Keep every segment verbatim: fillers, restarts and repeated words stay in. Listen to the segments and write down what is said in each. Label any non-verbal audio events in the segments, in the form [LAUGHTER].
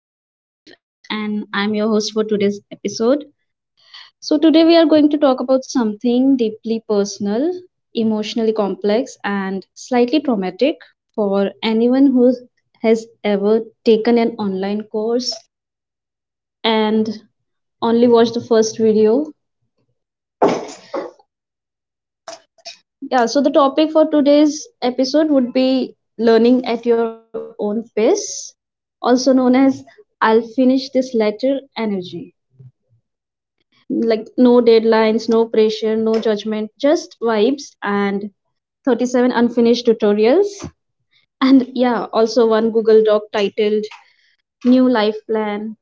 My name is Maeve, and I'm your host for today's episode. So, today we are going to talk about something deeply personal, emotionally complex, and slightly traumatic for anyone who has ever taken an online course and only watched the first video. Yeah, so the topic for today's episode would be learning at your own pace, also known as I'll finish this letter energy. Like no deadlines, no pressure, no judgment, just vibes and thirty-seven unfinished tutorials. And yeah, also one Google Doc titled New Life Plan,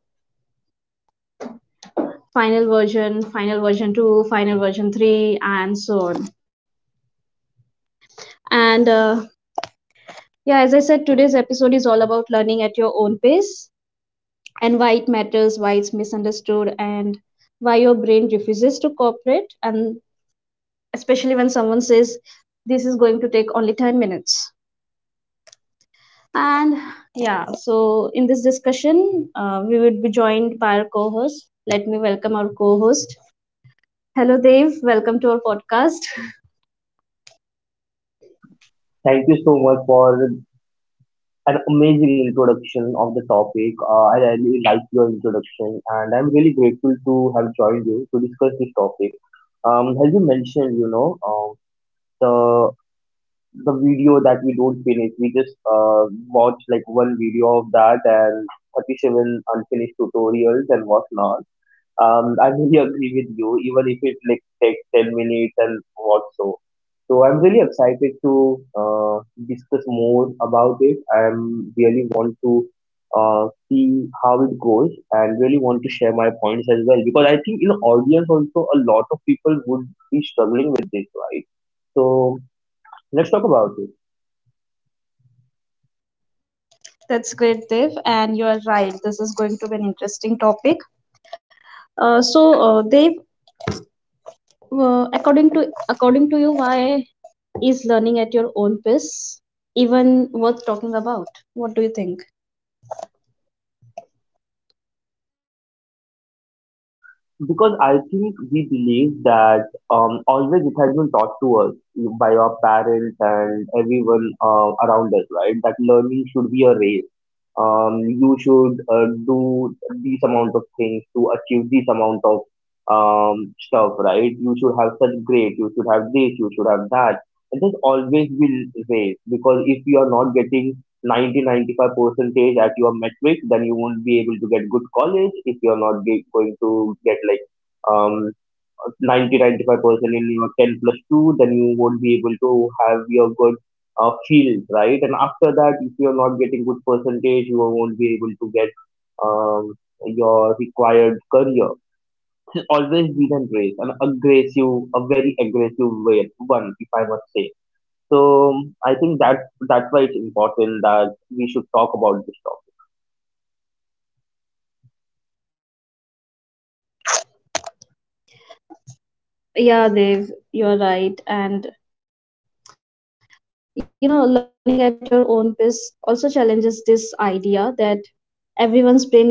Final Version, Final Version two, Final Version three, and so on. And uh, Yeah, as I said, today's episode is all about learning at your own pace and why it matters, why it's misunderstood, and why your brain refuses to cooperate. And especially when someone says, this is going to take only ten minutes. And yeah, so in this discussion, uh, we would be joined by our co host. Let me welcome our co host. Hello, Dev. Welcome to our podcast. [LAUGHS] Thank you so much for an amazing introduction of the topic. Uh, I really like your introduction, and I'm really grateful to have joined you to discuss this topic. Um, as you mentioned, you know, um, the the video that we don't finish, we just uh, watch like one video of that, and thirty-seven unfinished tutorials and whatnot. Um, I really [LAUGHS] agree with you, even if it like takes ten minutes and what so. So I'm really excited to uh, discuss more about it. I'm really want to uh, see how it goes and really want to share my points as well, because I think in audience also a lot of people would be struggling with this, right? So let's talk about it. That's great, Dev. And you are right. This is going to be an interesting topic. Uh, so, uh, Dev, uh, according to according to you, why is learning at your own pace even worth talking about? What do you think? Because I think we believe that, um, always it has been taught to us by our parents and everyone uh, around us, right? That learning should be a race. Um, you should uh, do this amount of things to achieve this amount of um, stuff, right? You should have such grades, you should have this, you should have that. It has always been race, because if you are not getting ninety to ninety-five percentage at your metric, then you won't be able to get good college. If you're not ge- going to get like um 90-ninety-five percent in your ten plus two, then you won't be able to have your good uh, field, right? And after that, if you're not getting good percentage, you won't be able to get um, your required career. Always be and race, an aggressive, a very aggressive way, one, if I must say so. um, I think that that's why it's important that we should talk about this topic. Yeah, Dev, you are right. And you know learning at your own pace also challenges this idea that everyone's brain is running the same software,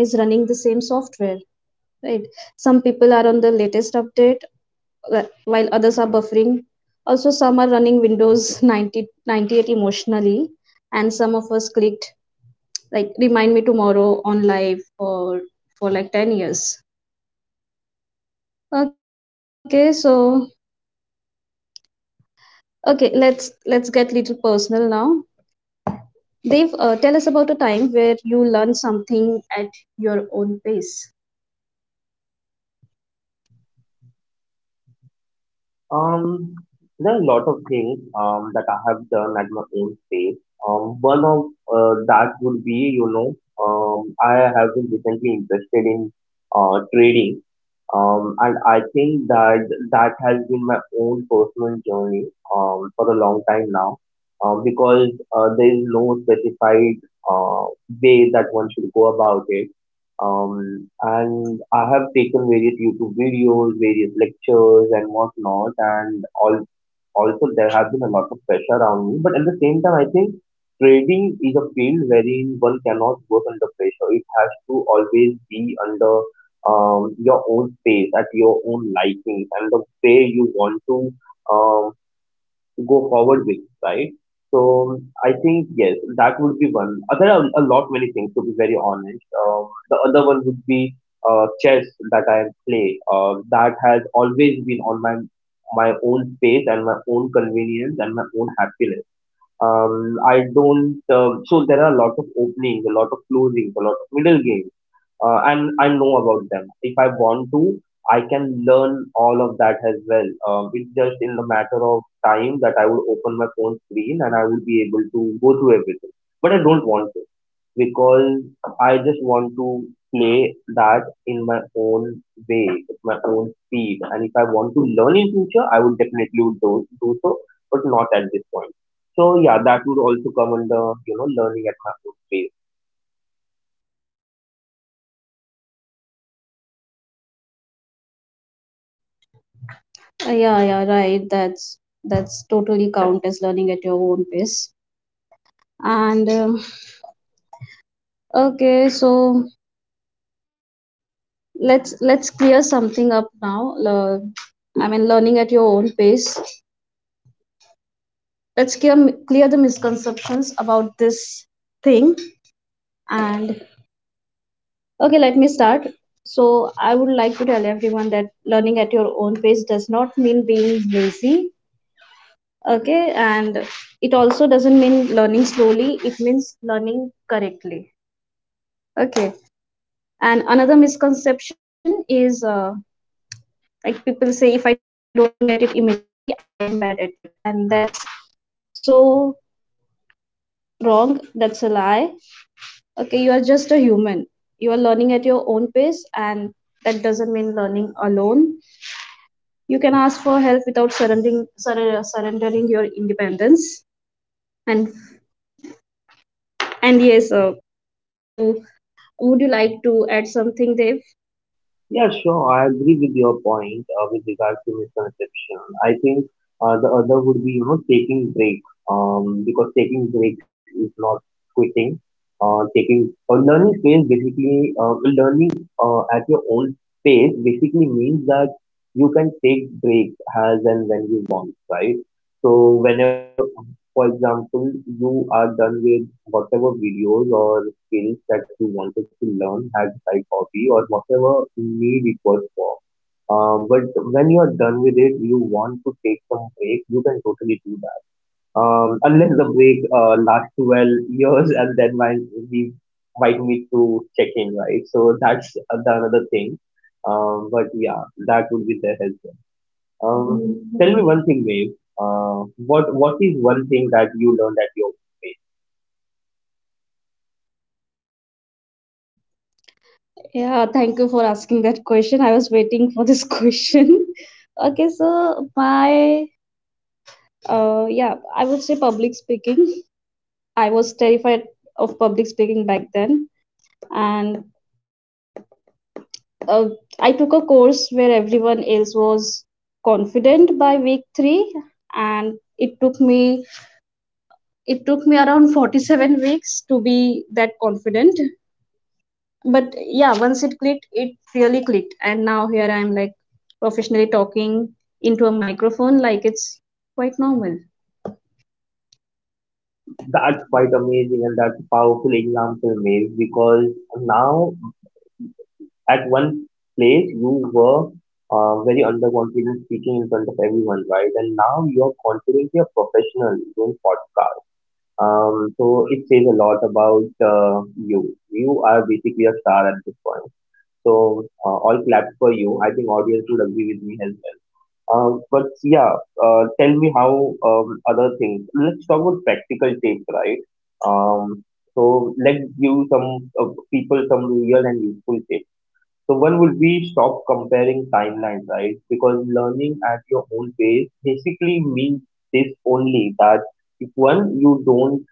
right? Some people are on the latest update, wh- while others are buffering. Also some are running Windows [LAUGHS] ninety ninety eight emotionally, and some of us clicked like remind me tomorrow on live for for like ten years. Okay, so okay, let's let's get little personal now. Dave, uh, tell us about a time where you learned something at your own pace. Um, there are a lot of things um, that I have done at my own space. Um, one of uh, that would be, you know, um, I have been recently interested in uh, trading, um, and I think that that has been my own personal journey, um, for a long time now, um, because uh, there is no specified uh, way that one should go about it. Um, and I have taken various YouTube videos, various lectures, and whatnot. And all, also, there have been a lot of pressure around me. But at the same time, I think trading is a field wherein one cannot work under pressure. It has to always be under um, your own pace, at your own liking, and the way you want to Um, go forward with, right? So I think yes, that would be one. Uh, There are a lot many things, to be very honest. Um, the other one would be uh, chess that I play. Uh, that has always been on my my own space and my own convenience and my own happiness. Um, I don't. Um, so there are a lot of openings, a lot of closings, a lot of middle games, uh, and I know about them. If I want to, I can learn all of that as well. Um, it's just in the matter of time that I would open my phone screen and I would be able to go through everything. But I don't want to, because I just want to play that in my own way, with my own speed. And if I want to learn in future, I would definitely would do, do so, but not at this point. So yeah, that would also come under, you know, learning at my own pace. Uh, yeah, yeah, right. That's that's totally count as learning at your own pace. And um, Okay, so let's let's clear something up now. Uh, I mean, learning at your own pace. Let's clear clear the misconceptions about this thing. And okay, let me start. So I would like to tell everyone that learning at your own pace does not mean being lazy, okay? And it also doesn't mean learning slowly, it means learning correctly, okay? And another misconception is, uh, like people say, if I don't get it immediately, I am bad at it, and that's so wrong. That's a lie, okay? You are just a human. You are learning at your own pace, and that doesn't mean learning alone. You can ask for help without surrendering surre- surrendering your independence. And and yes uh, to Would you like to add something, Dev? Yeah, sure. I agree with your point, uh, with regard to misconception. I think uh, the other would be, you know, taking breaks. Um, because taking breaks is not quitting. Uh, taking or learning space basically, uh, learning uh, at your own pace basically means that you can take breaks as and when you want, right? So whenever, for example, you are done with whatever videos or skills that you wanted to learn as like hobby or whatever need it was for. Um, but when you are done with it, you want to take some break, you can totally do that. Um, unless the break uh, lasts twelve years, and then might, we might need to check in, right? So that's the another thing. Um, but yeah, that would be there as well. Um, tell me one thing, Maeve. Uh, what what is one thing that you learned at your Yeah, thank you for asking that question. I was waiting for this [LAUGHS] question. Okay, so my uh yeah, I would say public speaking. I was terrified of public speaking back then, and uh, I took a course where everyone else was confident by week three, and it took me it took me around forty-seven weeks to be that confident. But yeah, once it clicked, it really clicked, and now here I am, like professionally talking into a microphone like it's quite normal. That's quite amazing, and that's a powerful example, Maeve, because now at one place you were uh, very underconfident speaking in front of everyone, right? And now you're confident, you're professional doing podcast. Um, so it says a lot about uh, you. You are basically a star at this point. So uh, all claps for you. I think audience would agree with me as well. Uh, but yeah, uh, tell me how um, other things. Let's talk about practical tips, right? Um, so let's give some uh, people some real and useful tips. So one would be, stop comparing timelines, right? Because learning at your own pace basically means this only, that if one, you don't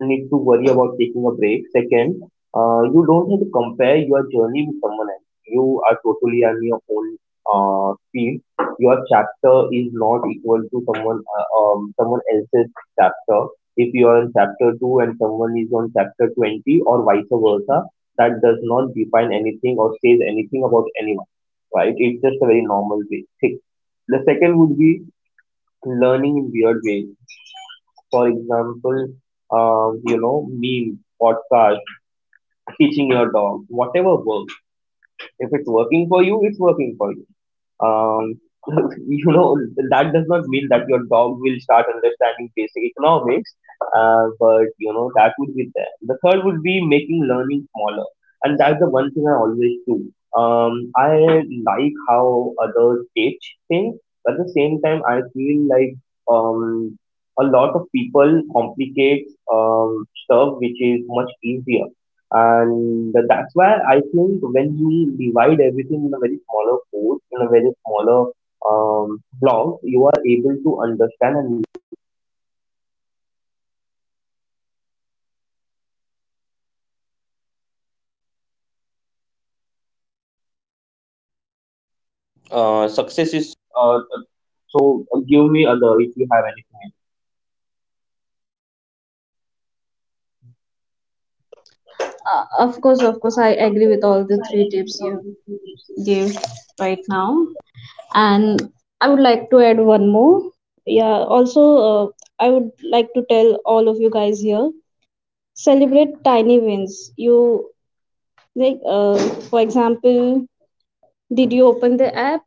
need to worry about taking a break. Second, uh, you don't have to compare your journey with someone else. You are totally on your own uh, speed. Your chapter is not equal to someone uh, um, someone else's chapter. If you are in chapter two and someone is on chapter twenty or vice versa, that does not define anything or says anything about anyone, right? It's just a very normal way. Six- The second would be learning in weird ways, for example, um, you know, meme, podcast, teaching your dog, whatever works. If it's working for you, it's working for you. Um, [LAUGHS] you know, that does not mean that your dog will start understanding basic economics, uh, but you know, that would be there. The third would be making learning smaller, and that's the one thing I always do. Um, I like how others teach things, but at the same time, I feel like, um, a lot of people complicate um, stuff which is much easier. And that's why I think when you divide everything in a very smaller course, in a very smaller, um, blocks, you are able to Uh, of course of course I agree with all the three tips you gave right now, and I would like to add one more. Yeah, also, uh, I would like to tell all of you guys here, celebrate tiny wins. You like, uh, for example, did you open the app?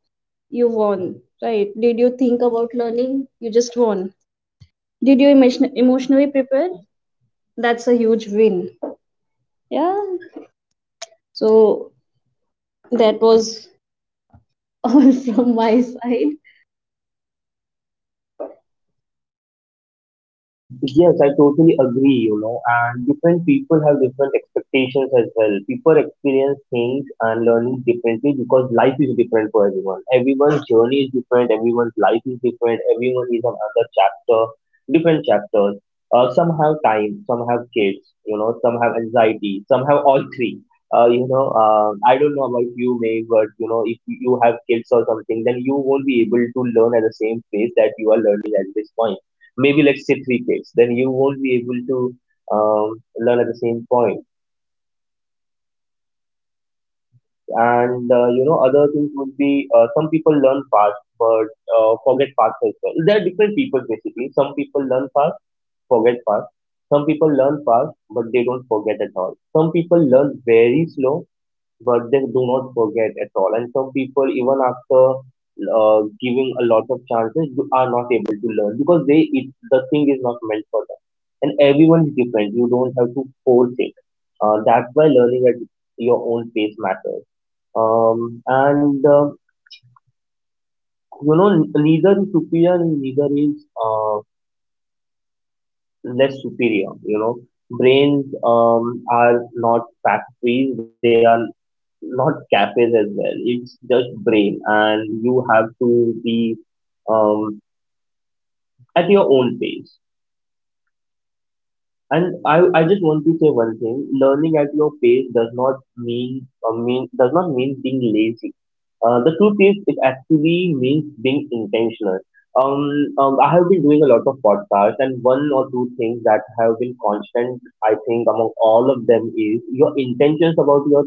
You won, right? Did you think about learning? You just won. Did you emotion- emotionally prepare? That's a huge win. Yeah. So that was [LAUGHS] all from my side. Yes, I totally agree, you know, and different people have different expectations as well. People experience things and learning differently, because life is different for everyone. Everyone's journey is different, everyone's life is different, everyone is another chapter, different chapters. Uh, some have time, some have kids, you know, some have anxiety, some have all three. Uh, you know, uh, I don't know, you know, if you have kids or something, then you won't be able to learn at the same pace that you are learning at this point. Maybe let's say three takes, then you won't be able to um, learn at the same point. And uh, you know, other things would be, uh, some people learn fast but uh, forget fast as well. There are different people, basically. Some people learn fast, forget fast. Some people learn fast but they don't forget at all. Some people learn very slow but they do not forget at all. And some people, even after uh, giving a lot of chances, do- are not able to learn, because they it, the thing is not meant for them. And everyone is different. You don't have to force it. Uh, that's why learning at your own pace matters. Um, and uh, You know, n- neither is superior, and neither is uh, less superior. You know, brains um, are not factories; they are not cafes as well. It's just brain, and you have to be, um, at your own pace. And I, I just want to say one thing: learning at your pace does not mean uh, mean does not mean being lazy. Uh, the truth is, it actually means being intentional. Um, um, I have been doing a lot of podcasts, and one or two things that have been constant, I think, among all of them is your intentions about your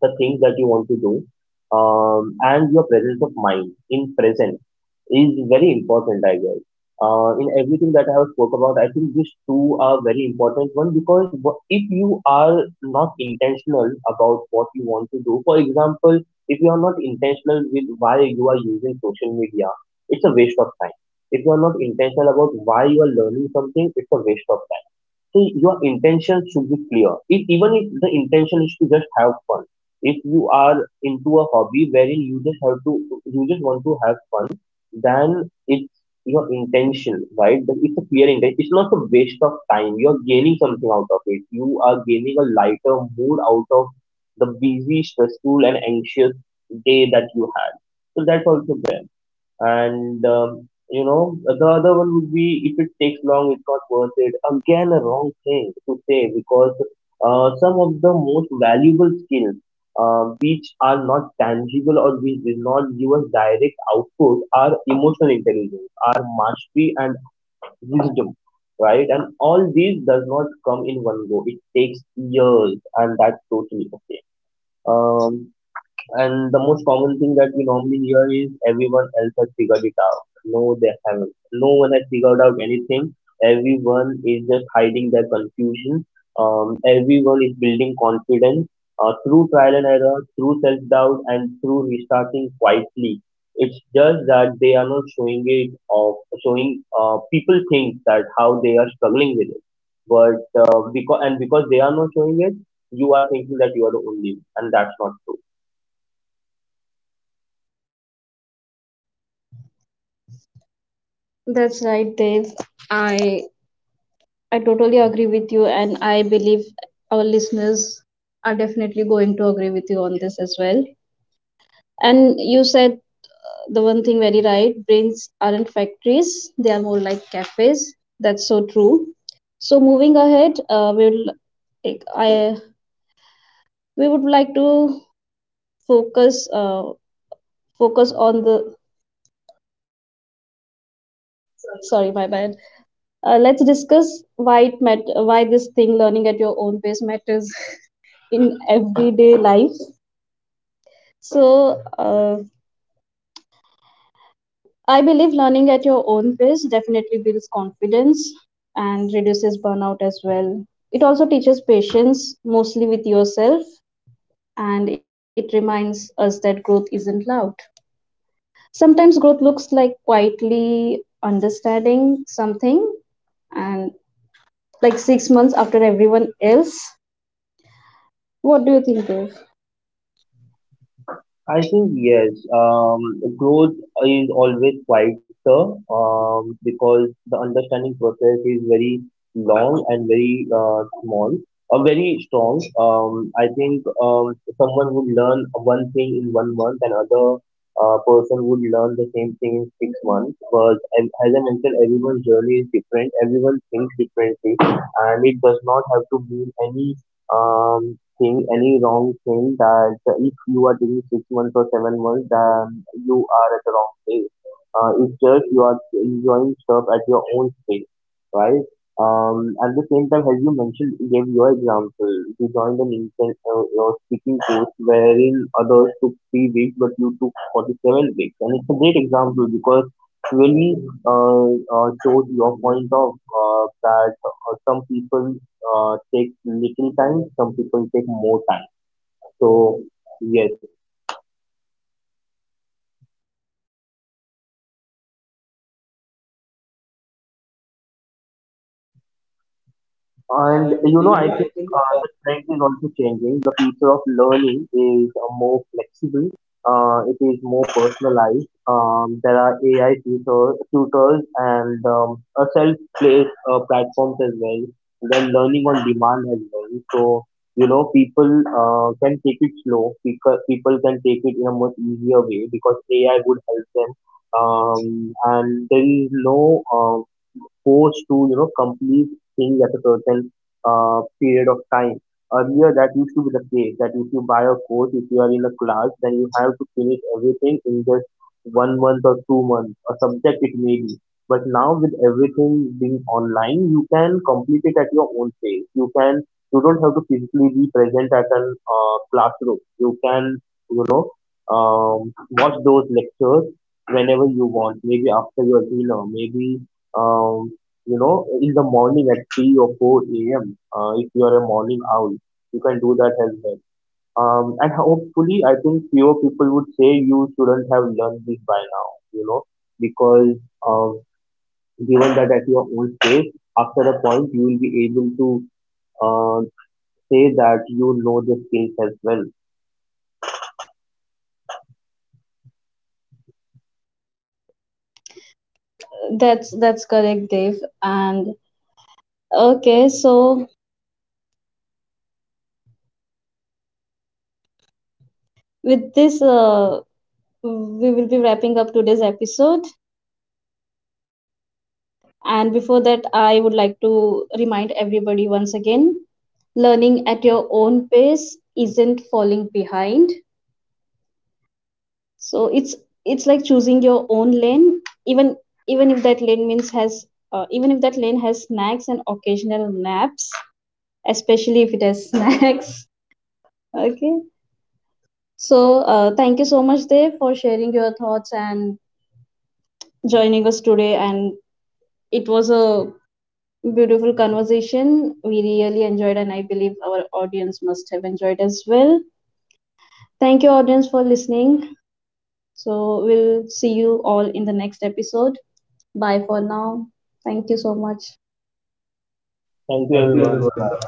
the things that you want to do, um, and your presence of mind in present is very important, I guess. Uh, in everything that I have spoke about, I think these two are very important. One, because wha- if you are not intentional about what you want to do, for example, if you are not intentional with why you are using social media, it's a waste of time. If you are not intentional about why you are learning something, it's a waste of time. So your intention should be clear. If even if the intention is to just have fun, if you are into a hobby wherein you just have to, you just want to have fun, then it's your intention, right? That it's a clear intention. It's not a waste of time. You're gaining something out of it. You are gaining a lighter mood out of the busy, stressful, and anxious day that you had. So that's also there and um, you know the other one would be if it takes long it's not worth it, again a wrong thing to say because uh, some of the most valuable skills, uh, which are not tangible or which did not give us direct output, are emotional intelligence, are mastery, and wisdom, right? And all these does not come in one go. It takes years, and that's totally okay. um, and the most common thing that we normally hear is everyone else has figured it out. No, they haven't. No one has figured out anything. Everyone is just hiding their confusion. Um, everyone is building confidence uh, through trial and error, through self doubt, and through restarting quietly. It's just that they are not showing it of showing. Uh, people think that how they are struggling with it, but uh, because and because they are not showing it, you are thinking that you are the only one, and that's not true. That's right, Dave. I I totally agree with you, and I believe our listeners are definitely going to agree with you on this as well. And you said, uh, the one thing very right, brains aren't factories, they are more like cafes. That's so true. So, moving ahead, uh, we'll like I we would like to focus uh, focus on the sorry my bad. Uh, let's discuss why it mat- why this thing learning at your own pace matters [LAUGHS] in everyday life. So uh, I believe learning at your own pace definitely builds confidence and reduces burnout as well. It also teaches patience, mostly with yourself, and it reminds us that growth isn't loud. Sometimes growth looks like quietly understanding something and like six months after everyone else. What do you think, Dave? I think yes. Um, growth is always quieter, um, because the understanding process is very long and very uh, small or very strong. Um, I think um, someone would learn one thing in one month, another uh, person would learn the same thing in six months. But as, as I mentioned, everyone's journey is different. Everyone thinks differently, and it does not have to mean any. Um, Thing, any wrong thing that if you are doing six months or seven months, then you are at the wrong place. Uh, it's just you are enjoying stuff at your own pace, right? Um, at the same time, as you mentioned, you gave your example. You joined an inten- uh, your speaking course wherein others took three weeks, but you took forty-seven weeks. And it's a great example because really uh, uh, shows your point of uh, that uh, some people uh, take little time, some people take more time. So yes. And And you know, you I know, I think think uh, the trend is also changing. The future of learning is uh, more flexible. Uh, it is more personalized. Um, there are A I tutor, tutors and um, uh, self-paced uh, platforms as well. Then learning on demand as well. So you know, people uh, can take it slow. People people can take it in a much easier way because A I would help them. Um, and there is no um, forced to you know complete things at a certain uh, period of time. Earlier, that used to be the case that if you buy a course, if you are in a class, then you have to finish everything in just one month or two months, a subject it may be. But now with everything being online, you can complete it at your own pace. You can, you don't have to physically be present at an uh, classroom. You can, you know, um, watch those lectures whenever you want, maybe after your dinner, maybe, um, you know, in the morning at three or four a m. Uh, if you are a morning owl, you can do that as well. Um, and hopefully, I think fewer people would say you shouldn't have learned this by now, you know, because um, given that at your own stage, after a point, you will be able to uh, say that you know the skills as well. That's that's correct, Dave. And okay, so with this uh, we will be wrapping up today's episode. And before that, I would like to remind everybody once again, learning at your own pace isn't falling behind. So it's it's like choosing your own lane, even even if that lane means has uh, even if that lane has snacks and occasional naps, especially if it has [LAUGHS] snacks. Okay. So uh, thank you so much, Dev, for sharing your thoughts and joining us today. And it was a beautiful conversation. We really enjoyed, and I believe our audience must have enjoyed as well. Thank you, audience, for listening. So, we'll see you all in the next episode. Bye for now. Thank you so much. Thank you, Thank you, everyone. Bye everyone. bye.